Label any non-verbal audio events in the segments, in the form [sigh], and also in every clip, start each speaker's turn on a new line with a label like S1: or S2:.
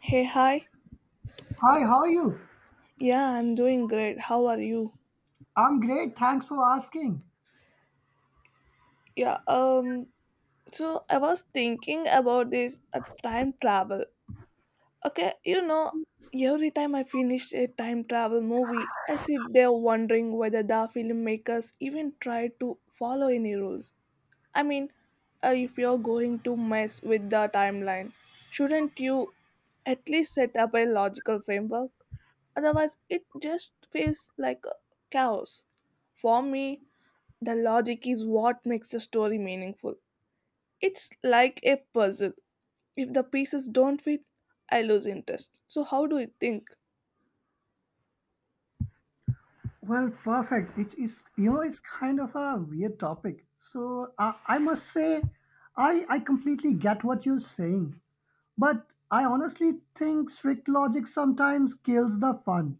S1: Hey, hi.
S2: Hi, how are you?
S1: Yeah, I'm doing great. How are you?
S2: I'm great. Thanks for asking.
S1: Yeah, um, so I was thinking about this time travel. Okay, you know, every time I finish a time travel movie, I sit there wondering whether the filmmakers even tried to follow any rules. I mean, if you're going to mess with the timeline, shouldn't you at least set up a logical framework? Otherwise, it just feels like a chaos. For me, the logic is what makes the story meaningful. It's like a puzzle. If the pieces don't fit, I lose interest. So, how do you think?
S2: Well, perfect. It's it's kind of a weird topic. So I must say, I completely get what you're saying, but I honestly think strict logic sometimes kills the fun.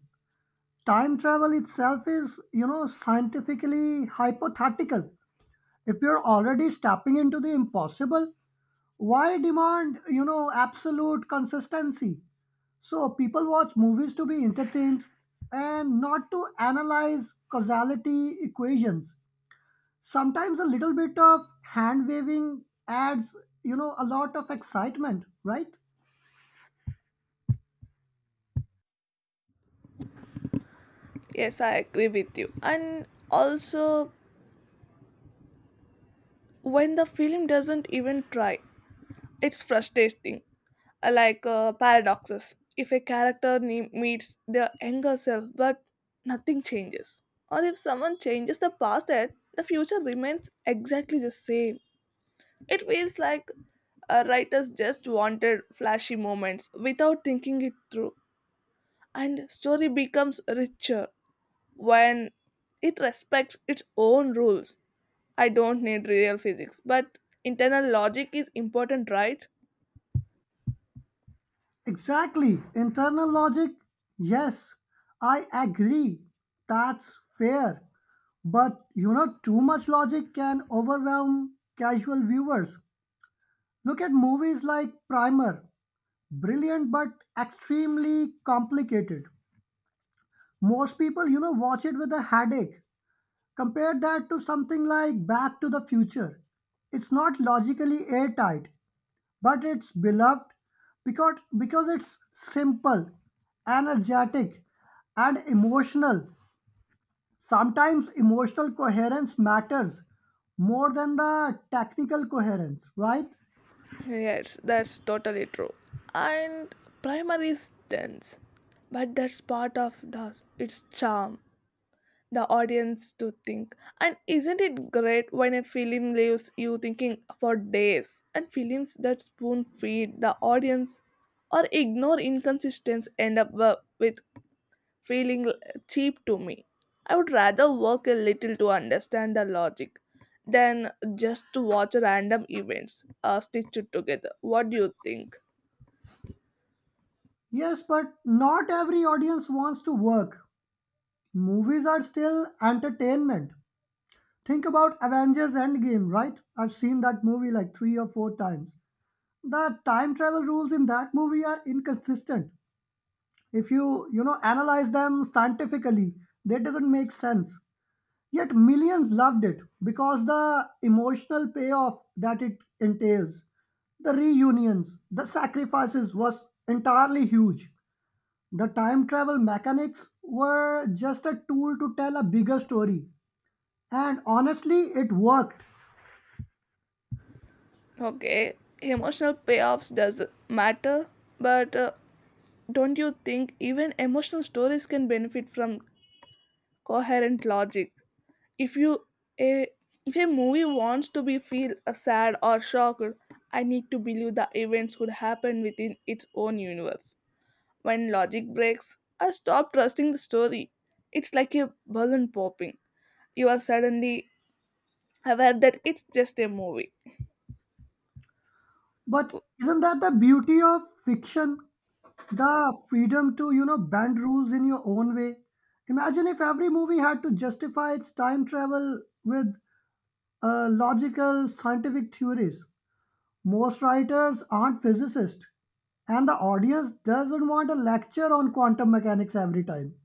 S2: Time travel itself is, scientifically hypothetical. If you're already stepping into the impossible, why demand, absolute consistency? So people watch movies to be entertained and not to analyze causality equations. Sometimes a little bit of hand waving adds, a lot of excitement, right?
S1: Yes, I agree with you. And also, when the film doesn't even try, it's frustrating. Like paradoxes. If a character meets their younger self but nothing changes, or if someone changes the past, yet the future remains exactly the same. It feels like writers just wanted flashy moments without thinking it through, and story becomes richer when it respects its own rules. I don't need real physics, but internal logic is important, right?
S2: Exactly. Internal logic, yes, I agree. That's fair. But you know, too much logic can overwhelm casual viewers. Look at movies like Primer, brilliant but extremely complicated. Most people, watch it with a headache. Compare that to something like Back to the Future. It's not logically airtight, but it's beloved because it's simple, energetic, and emotional. Sometimes emotional coherence matters more than the technical coherence, right?
S1: Yes, that's totally true. And primary is dense, but that's part of the its charm. The audience to think. And isn't it great when a film leaves you thinking for days? And films that spoon feed the audience or ignore inconsistencies end up with feeling cheap to me. I would rather work a little to understand the logic than just to watch random events stitched together. What do you think?
S2: Yes, but not every audience wants to work. Movies are still entertainment. Think about Avengers Endgame, right? I've seen that movie like three or four times. The time travel rules in that movie are inconsistent. If you, analyze them scientifically, that doesn't make sense. Yet millions loved it because the emotional payoff that it entails, the reunions, the sacrifices was entirely huge. The time travel mechanics were just a tool to tell a bigger story. And honestly, it worked.
S1: Okay, emotional payoffs does matter, but don't you think even emotional stories can benefit from coherent logic? If you a if a movie wants to be feel sad or shocked, I need to believe the events could happen within its own universe. When logic breaks, I stop trusting the story. It's like a balloon popping. You are suddenly aware that it's just a movie.
S2: But isn't that the beauty of fiction? The freedom to, bend rules in your own way. Imagine if every movie had to justify its time travel with logical scientific theories. Most writers aren't physicists, and the audience doesn't want a lecture on quantum mechanics every time.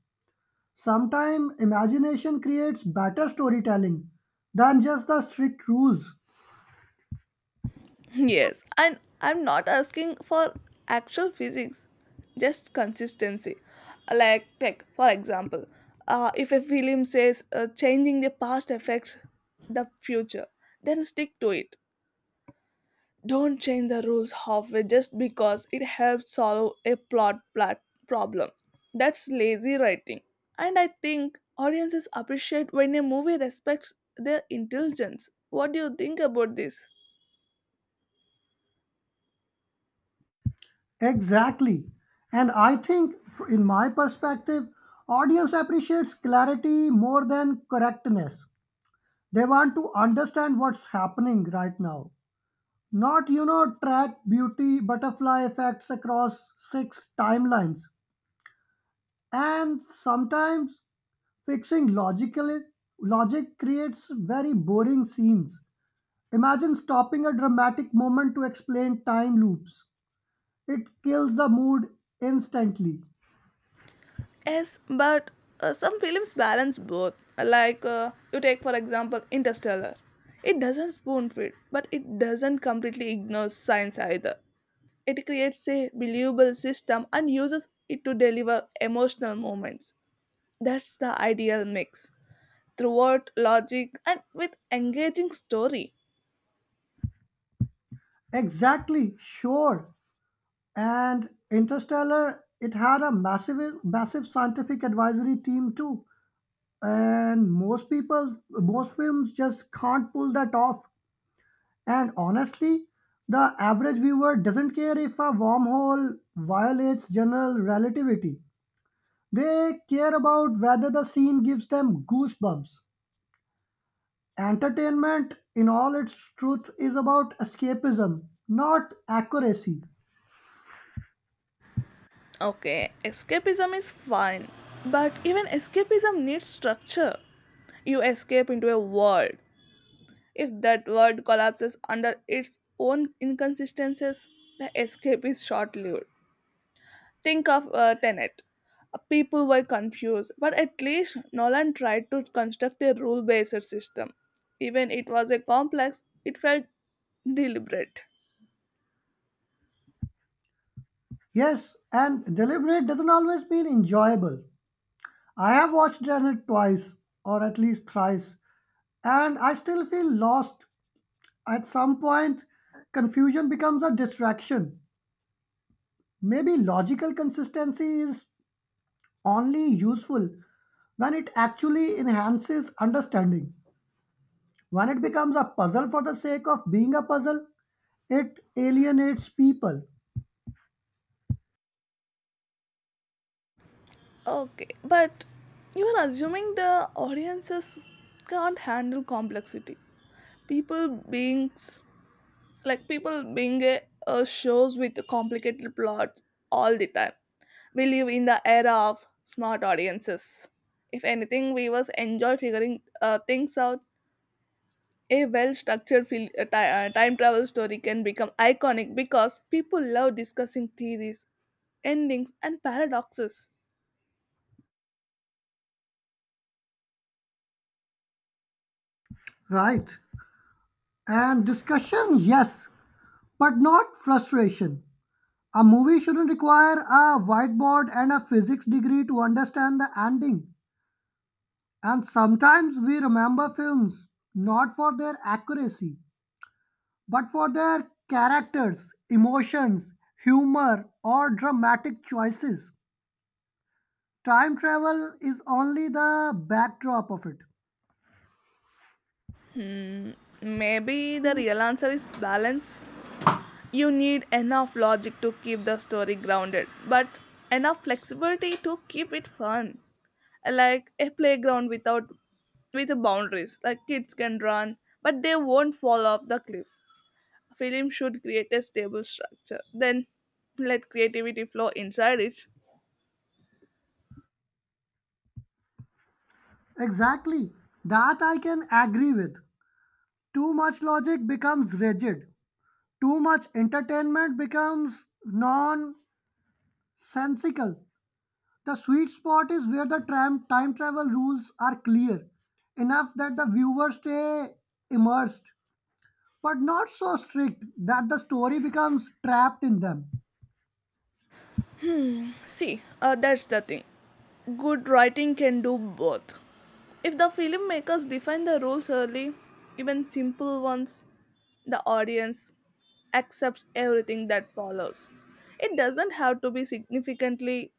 S2: Sometimes imagination creates better storytelling than just the strict rules.
S1: Yes, and I'm not asking for actual physics, just consistency. Like for example, if a film says changing the past affects the future, then stick to it. Don't change the rules halfway just because it helps solve a problem. That's lazy writing. And I think audiences appreciate when a movie respects their intelligence. What do you think about this?
S2: Exactly. And I think, in my perspective, audience appreciates clarity more than correctness. They want to understand what's happening right now. Not, track beauty butterfly effects across six timelines. And sometimes fixing logically logic creates very boring scenes. Imagine stopping a dramatic moment to explain time loops. It kills the mood instantly.
S1: Yes, but some films balance both. Like you take for example Interstellar. It doesn't spoon feed, but it doesn't completely ignore science either. It creates a believable system and uses it to deliver emotional moments. That's the ideal mix. Throughout logic and with engaging story.
S2: Exactly, sure. And Interstellar, it had a massive, massive scientific advisory team too. And most films just can't pull that off. And honestly, the average viewer doesn't care if a wormhole violates general relativity. They care about whether the scene gives them goosebumps. Entertainment, in all its truth, is about escapism, not accuracy.
S1: Okay, escapism is fine, but even escapism needs structure. You escape into a world. If that world collapses under its own inconsistencies, the escape is short lived. Think of Tenet. People were confused, but at least Nolan tried to construct a rule based system. Even it was a complex, it felt deliberate.
S2: Yes, and deliberate doesn't always mean enjoyable. I have watched Janet twice, or at least thrice, and I still feel lost. At some point, confusion becomes a distraction. Maybe logical consistency is only useful when it actually enhances understanding. When it becomes a puzzle for the sake of being a puzzle, it alienates people.
S1: Okay, but you are assuming the audiences can't handle complexity. People beings people being a shows with complicated plots all the time. We live in the era of smart audiences. If anything we was enjoy figuring things out. A well structured time travel story can become iconic because people love discussing theories, endings and paradoxes.
S2: Right. And discussion, yes, but not frustration. A movie shouldn't require a whiteboard and a physics degree to understand the ending. And sometimes we remember films not for their accuracy, but for their characters, emotions, humor, or dramatic choices. Time travel is only the backdrop of it.
S1: Maybe the real answer is balance. You need enough logic to keep the story grounded, but enough flexibility to keep it fun. Like a playground without with boundaries. Like kids can run, but they won't fall off the cliff. Film should create a stable structure. Then let creativity flow inside it.
S2: Exactly. That I can agree with. Too much logic becomes rigid. Too much entertainment becomes nonsensical. The sweet spot is where the tram time travel rules are clear enough that the viewer stay immersed, but not so strict that the story becomes trapped in them.
S1: See, that's the thing. Good writing can do both. If the filmmakers define the rules early, even simple ones, the audience accepts everything that follows. It doesn't have to be significantly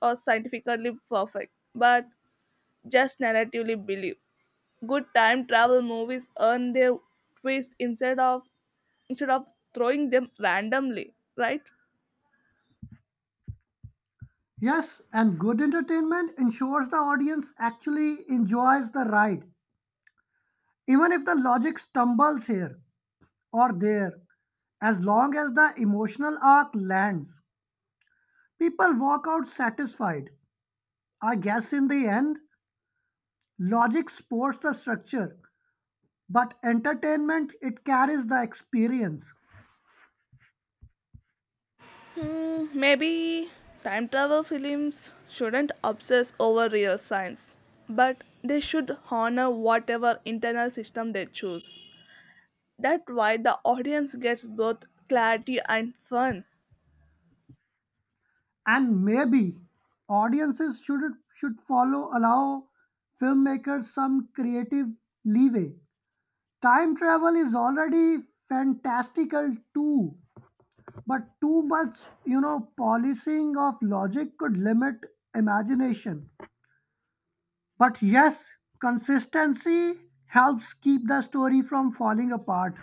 S1: or scientifically perfect, but just narratively believe. Good time travel movies earn their twist instead of throwing them randomly, right?
S2: Yes, and good entertainment ensures the audience actually enjoys the ride, even if the logic stumbles here or there. As long as the emotional arc lands, people walk out satisfied. I guess in the end, logic supports the structure. But entertainment, it carries the experience.
S1: Maybe time travel films shouldn't obsess over real science, but they should honor whatever internal system they choose. That why the audience gets both clarity and fun.
S2: And maybe audiences should follow allow filmmakers some creative leeway. Time travel is already fantastical too, but too much, policing of logic could limit imagination. But yes, consistency helps keep the story from falling apart.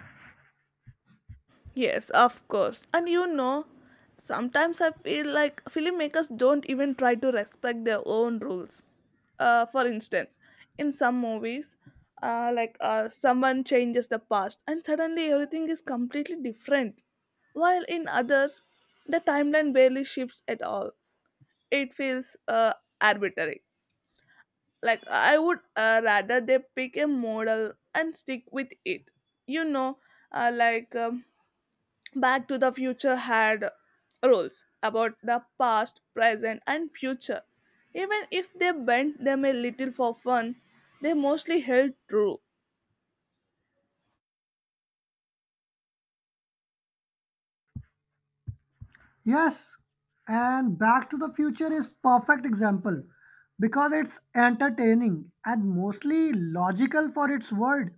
S1: Yes, of course. And you know, sometimes I feel like filmmakers don't even try to respect their own rules. For instance, in some movies, like someone changes the past and suddenly everything is completely different, while in others, the timeline barely shifts at all. It feels arbitrary. Like I would rather they pick a model and stick with it, you know. Like Back to the Future had rules about the past, present and future. Even if they bent them a little for fun, they mostly held true.
S2: Yes, and Back to the Future is perfect example because it's entertaining and mostly logical for its world.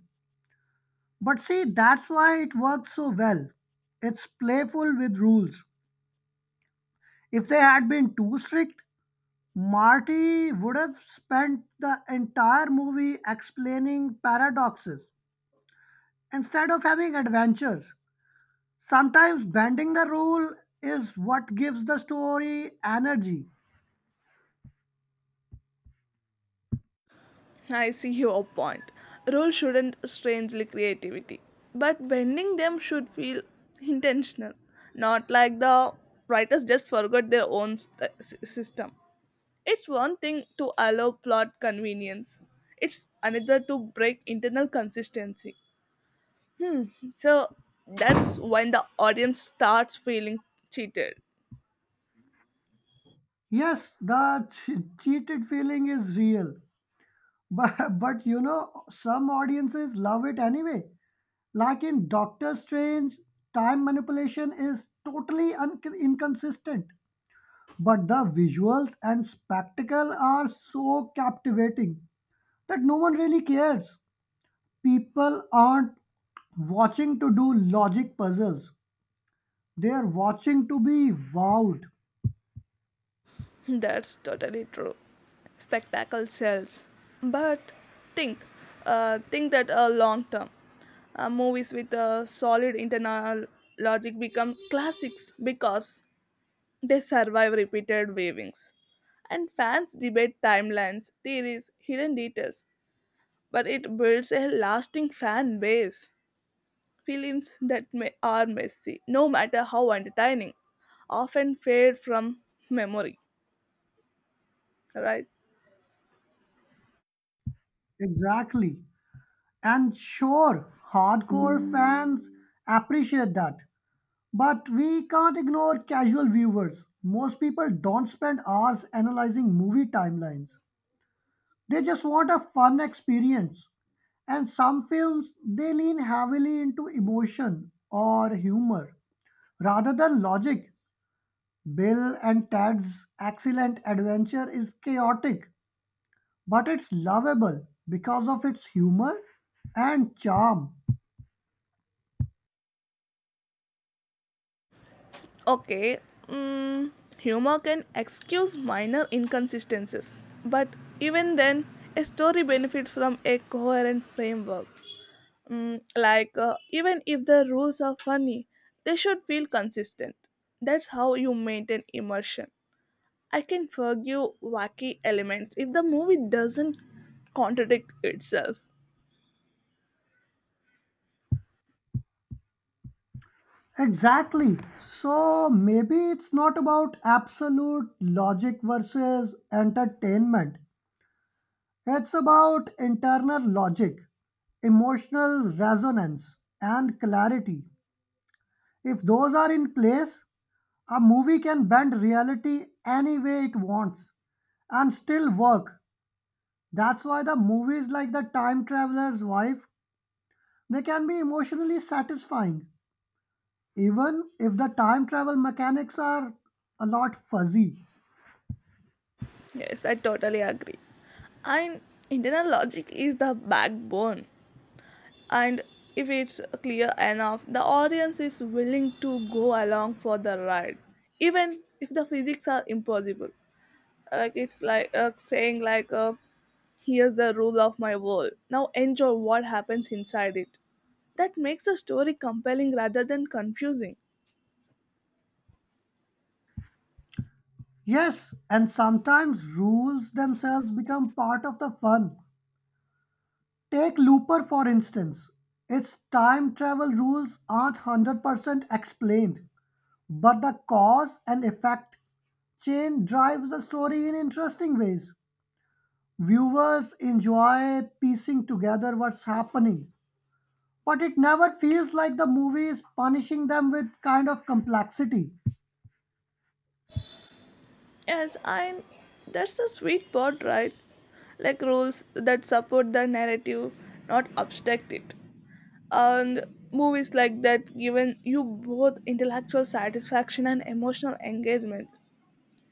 S2: But see, that's why it works so well. It's playful with rules. If they had been too strict, Marty would have spent the entire movie explaining paradoxes instead of having adventures. Sometimes bending the rule is what gives the story energy.
S1: I see [laughs] your point. Rules shouldn't strangely creativity, but bending them should feel intentional, not like the writers just forgot their own system. It's one thing to allow plot convenience. It's another to break internal consistency. So that's when the audience starts feeling cheated.
S2: Yes, the cheated feeling is real. But, [laughs] but some audiences love it anyway. Like in Doctor Strange, time manipulation is totally inconsistent. But the visuals and spectacle are so captivating that no one really cares. People aren't watching to do logic puzzles, they are watching to be wowed.
S1: [laughs] That's totally true. Spectacle sells. But think, think that long term. Movies with a solid internal logic become classics because they survive repeated viewings and fans debate timelines, theories, hidden details, but it builds a lasting fan base. Films that may, are messy, no matter how entertaining, often fade from memory, right?
S2: Exactly. And sure, hardcore fans appreciate that. But we can't ignore casual viewers. Most people don't spend hours analyzing movie timelines. They just want a fun experience. And some films, they lean heavily into emotion or humor rather than logic. Bill and Ted's excellent adventure is chaotic, but it's lovable because of its humor and charm.
S1: Okay, mm, humor can excuse minor inconsistencies, but even then, a story benefits from a coherent framework. Like, even if the rules are funny, they should feel consistent. That's how you maintain immersion. I can forgive wacky elements if the movie doesn't contradict itself.
S2: Exactly. So maybe it's not about absolute logic versus entertainment. It's about internal logic, emotional resonance, and clarity. If those are in place, a movie can bend reality any way it wants and still work. That's why the movies like The Time Traveler's Wife, they can be emotionally satisfying, even if the time travel mechanics are a lot fuzzy.
S1: Yes, I totally agree. And internal logic is the backbone. And if it's clear enough, the audience is willing to go along for the ride, even if the physics are impossible. Like it's like saying like, "Here's the rule of my world. Now enjoy what happens inside it." That makes a story compelling rather than confusing.
S2: Yes, and sometimes rules themselves become part of the fun. Take Looper for instance. Its time travel rules aren't 100% explained, but the cause and effect chain drives the story in interesting ways. Viewers enjoy piecing together what's happening, but it never feels like the movie is punishing them with kind of complexity.
S1: Yes, I. That's the sweet part, right? Like rules that support the narrative, not obstruct it. And movies like that given you both intellectual satisfaction and emotional engagement.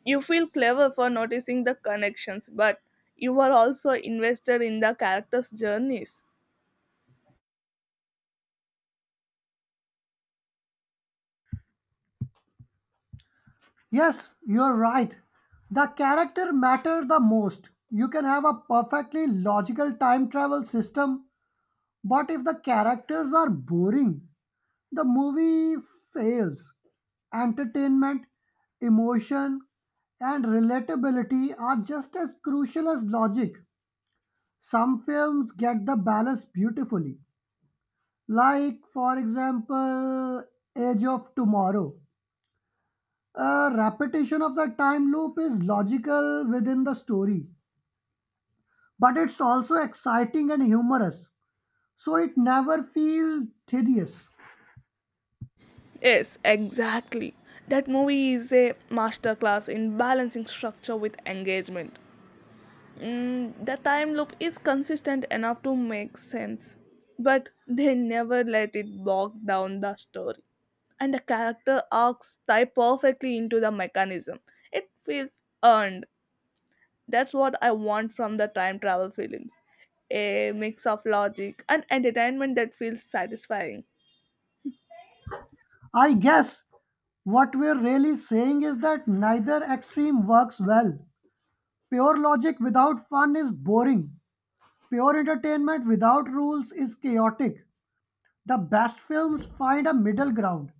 S1: You feel clever for noticing the connections, but you are also invested in the characters' journeys.
S2: Yes, you're right. The character matter the most. You can have a perfectly logical time travel system, but if the characters are boring, the movie fails. Entertainment, emotion, and relatability are just as crucial as logic. Some films get the balance beautifully. Like, for example, Age of Tomorrow. A repetition of the time loop is logical within the story, but it's also exciting and humorous, so it never feels tedious.
S1: Yes, exactly. That movie is a masterclass in balancing structure with engagement. The time loop is consistent enough to make sense, but they never let it bog down the story. And the character arcs tie perfectly into the mechanism. It feels earned. That's what I want from the time travel films, a mix of logic and entertainment that feels satisfying.
S2: I guess what we're really saying is that neither extreme works well. Pure logic without fun is boring. Pure entertainment without rules is chaotic. The best films find a middle ground: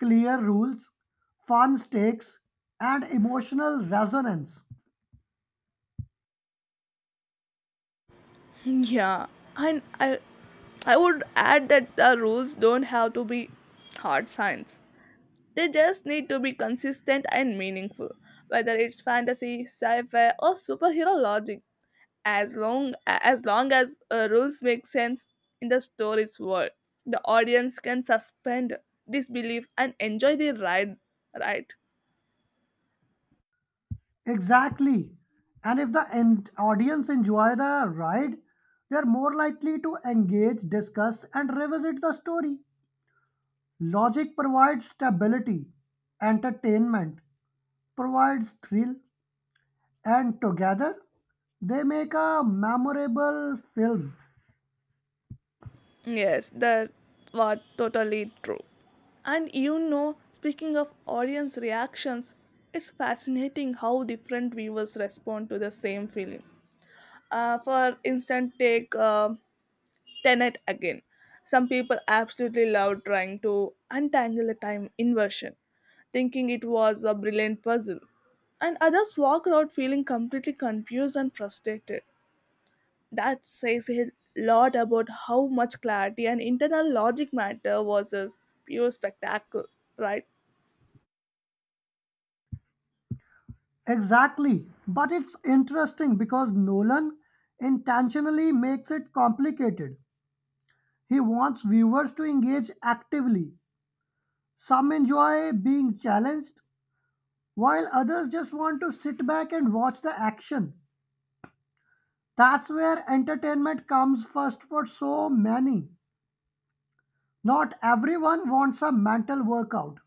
S2: clear rules, fun stakes, and emotional resonance.
S1: Yeah, and I would add that the rules don't have to be hard science. They just need to be consistent and meaningful, whether it's fantasy, sci-fi, or superhero logic. As long as long as rules make sense in the story's world, the audience can suspend disbelief and enjoy the ride. Right?
S2: Exactly. And if the audience enjoy the ride, they are more likely to engage, discuss, and revisit the story. Logic provides stability, entertainment provides thrill, and together they make a memorable film.
S1: Yes, that was totally true. And you know, speaking of audience reactions, it's fascinating how different viewers respond to the same film. For instance, take Tenet again. Some people absolutely love trying to untangle a time inversion, thinking it was a brilliant puzzle, and others walk out feeling completely confused and frustrated. That says a lot about how much clarity and internal logic matter versus pure spectacle, right?
S2: Exactly. But it's interesting because Nolan intentionally makes it complicated. He wants viewers to engage actively. Some enjoy being challenged, while others just want to sit back and watch the action. That's where entertainment comes first for so many. Not everyone wants a mental workout.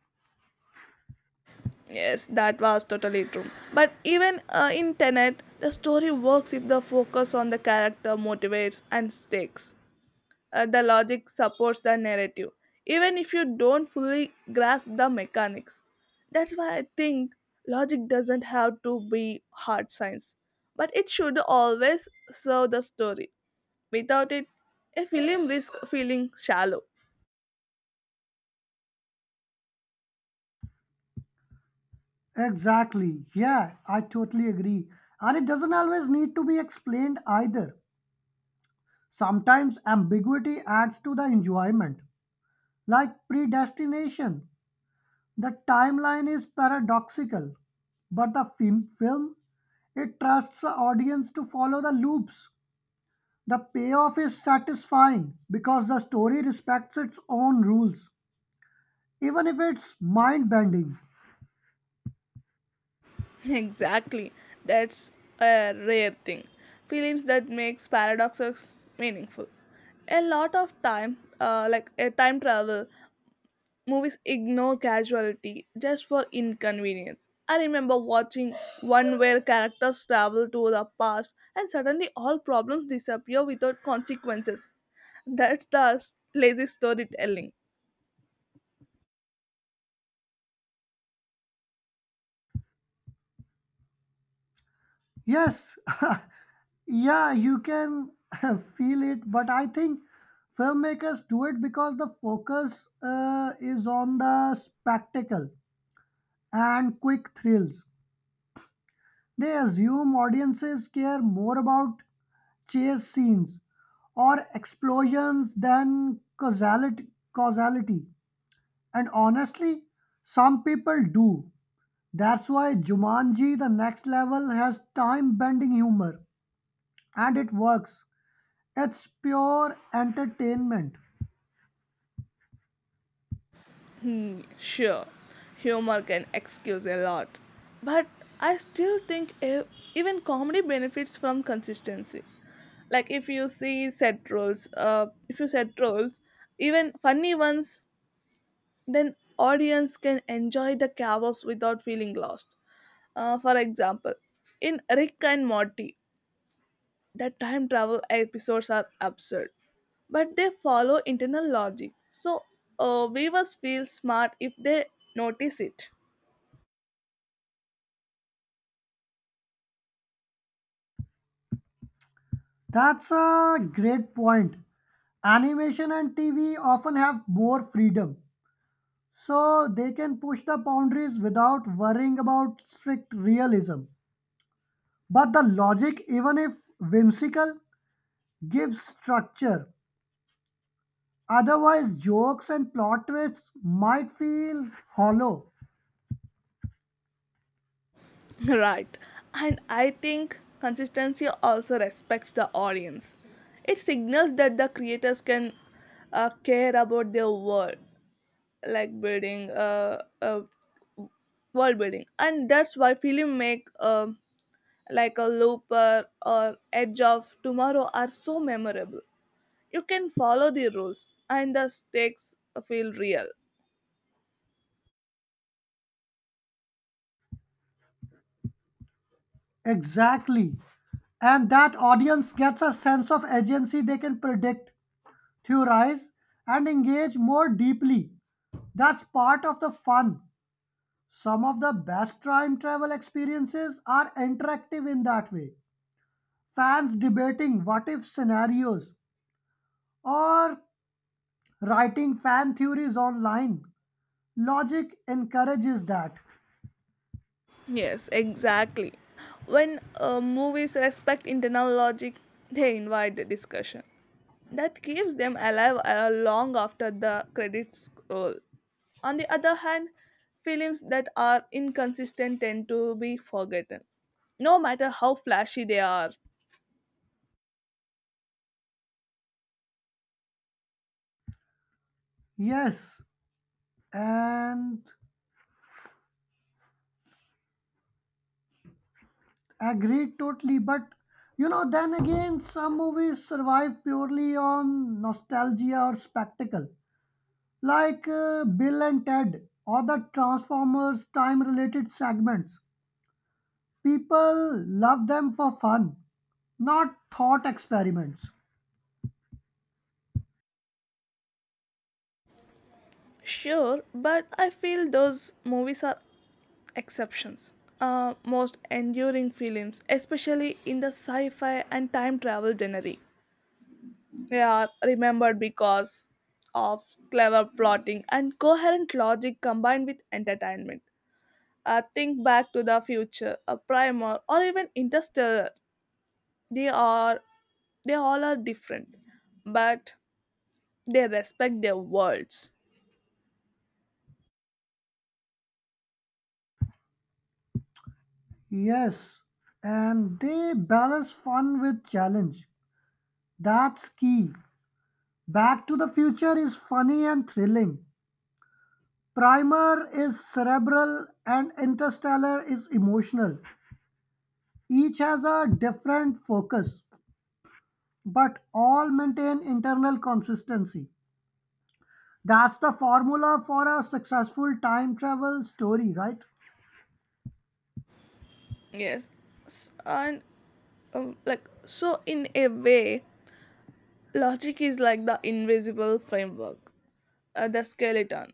S1: Yes, that was totally true. But even in Tenet, the story works if the focus on the character motivates and stakes. The logic supports the narrative, even if you don't fully grasp the mechanics. That's why I think logic doesn't have to be hard science, but it should always serve the story. Without it, a film risks feeling shallow.
S2: Exactly. Yeah, I totally agree. And it doesn't always need to be explained either. Sometimes ambiguity adds to the enjoyment, like predestination. The timeline is paradoxical, but the film, it trusts the audience to follow the loops. The payoff is satisfying because the story respects its own rules, even if it's mind bending.
S1: [laughs] Exactly, that's a rare thing. Films that makes paradoxes meaningful. A lot of time, like a time travel movies ignore casualty just for inconvenience. I remember watching one where characters travel to the past and suddenly all problems disappear without consequences. That's the lazy storytelling.
S2: Yes, [laughs] yeah, you can [laughs] feel it, but I think filmmakers do it because the focus is on the spectacle and quick thrills. They assume audiences care more about chase scenes or explosions than causality. And honestly, some people do. That's why Jumanji The Next Level has time bending humor. And it works. It's pure entertainment.
S1: Sure, humor can excuse a lot, but I still think even comedy benefits from consistency. Like if you see set roles, If you set roles, even funny ones, then audience can enjoy the chaos without feeling lost. For example, in Rick and Morty, the time travel episodes are absurd, but they follow internal logic, so viewers feel smart if they notice it.
S2: That's a great point. Animation and TV often have more freedom. So they can push the boundaries without worrying about strict realism. But the logic, even if whimsical, gives structure. Otherwise, jokes and plot twists might feel hollow.
S1: [laughs] Right, and I think consistency also respects the audience. It signals that the creators can care about their world, like building a world building, and that's why film make like a Looper or Edge of Tomorrow are so memorable. You can follow the rules and the stakes feel real.
S2: Exactly. And that audience gets a sense of agency. They can predict, theorize, and engage more deeply. That's part of the fun. Some of the best time travel experiences are interactive in that way. Fans debating what if scenarios or writing fan theories online. Logic encourages that.
S1: Yes, exactly. When movies respect internal logic, they invite the discussion that keeps them alive long after the credits roll. On the other hand, films that are inconsistent tend to be forgotten, no matter how flashy they are.
S2: Yes, and agreed totally, but you know, then again, some movies survive purely on nostalgia or spectacle, like Bill and Ted or the Transformers time related segments. People love them for fun, not thought experiments.
S1: Sure, but I feel those movies are exceptions. Most enduring films, especially in the sci fi and time travel genre, they are remembered because of clever plotting and coherent logic combined with entertainment. Think Back to the Future, a Primer, or even Interstellar. They are they all are different, but they respect their worlds.
S2: Yes, and they balance fun with challenge. That's key. Back to the Future is funny and thrilling, Primer is cerebral and Interstellar is emotional. Each has a different focus, but all maintain internal consistency. That's the formula for a successful time travel story, right?
S1: Yes, S- and like So, in a way, logic is like the invisible framework, uh, the skeleton,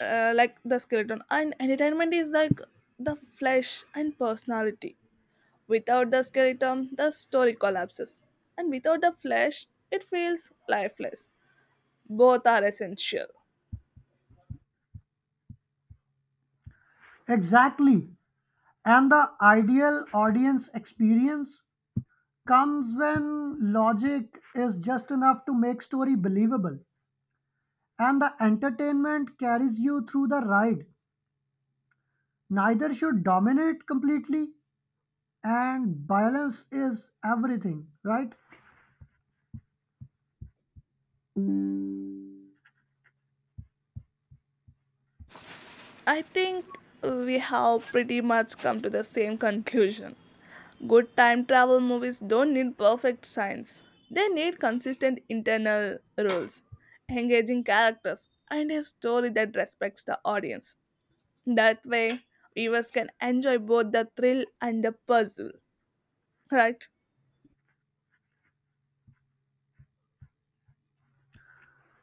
S1: the skeleton, and entertainment is like the flesh and personality. Without the skeleton, the story collapses, and without the flesh, it feels lifeless. Both are essential.
S2: Exactly. And the ideal audience experience comes when logic is just enough to make story believable and the entertainment carries you through the ride. Neither should dominate completely, and balance is everything, right?
S1: I think we have pretty much come to the same conclusion. Good time travel movies don't need perfect science, they need consistent internal rules, engaging characters, and a story that respects the audience. That way, viewers can enjoy both the thrill and the puzzle, right?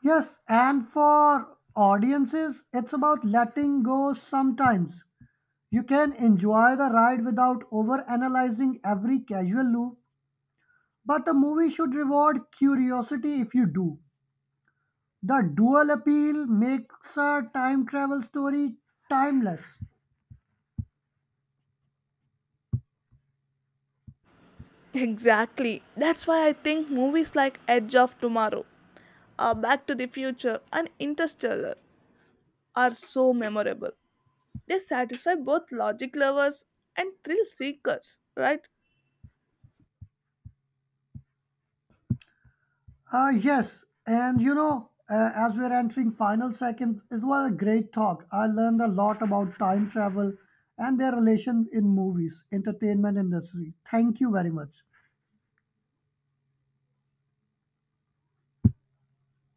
S2: Yes, and for audiences it's about letting go sometimes. You can enjoy the ride without over analyzing every casual loop, but the movie should reward curiosity if you do. The dual appeal makes a time travel story timeless.
S1: Exactly. That's why I think movies like Edge of Tomorrow, Back to the Future, and Interstellar are so memorable. They satisfy both logic lovers and thrill seekers, right?
S2: Yes, and you know, as we're entering final seconds, it was a great talk. I learned a lot about time travel and their relation in movies, entertainment industry. Thank you very much.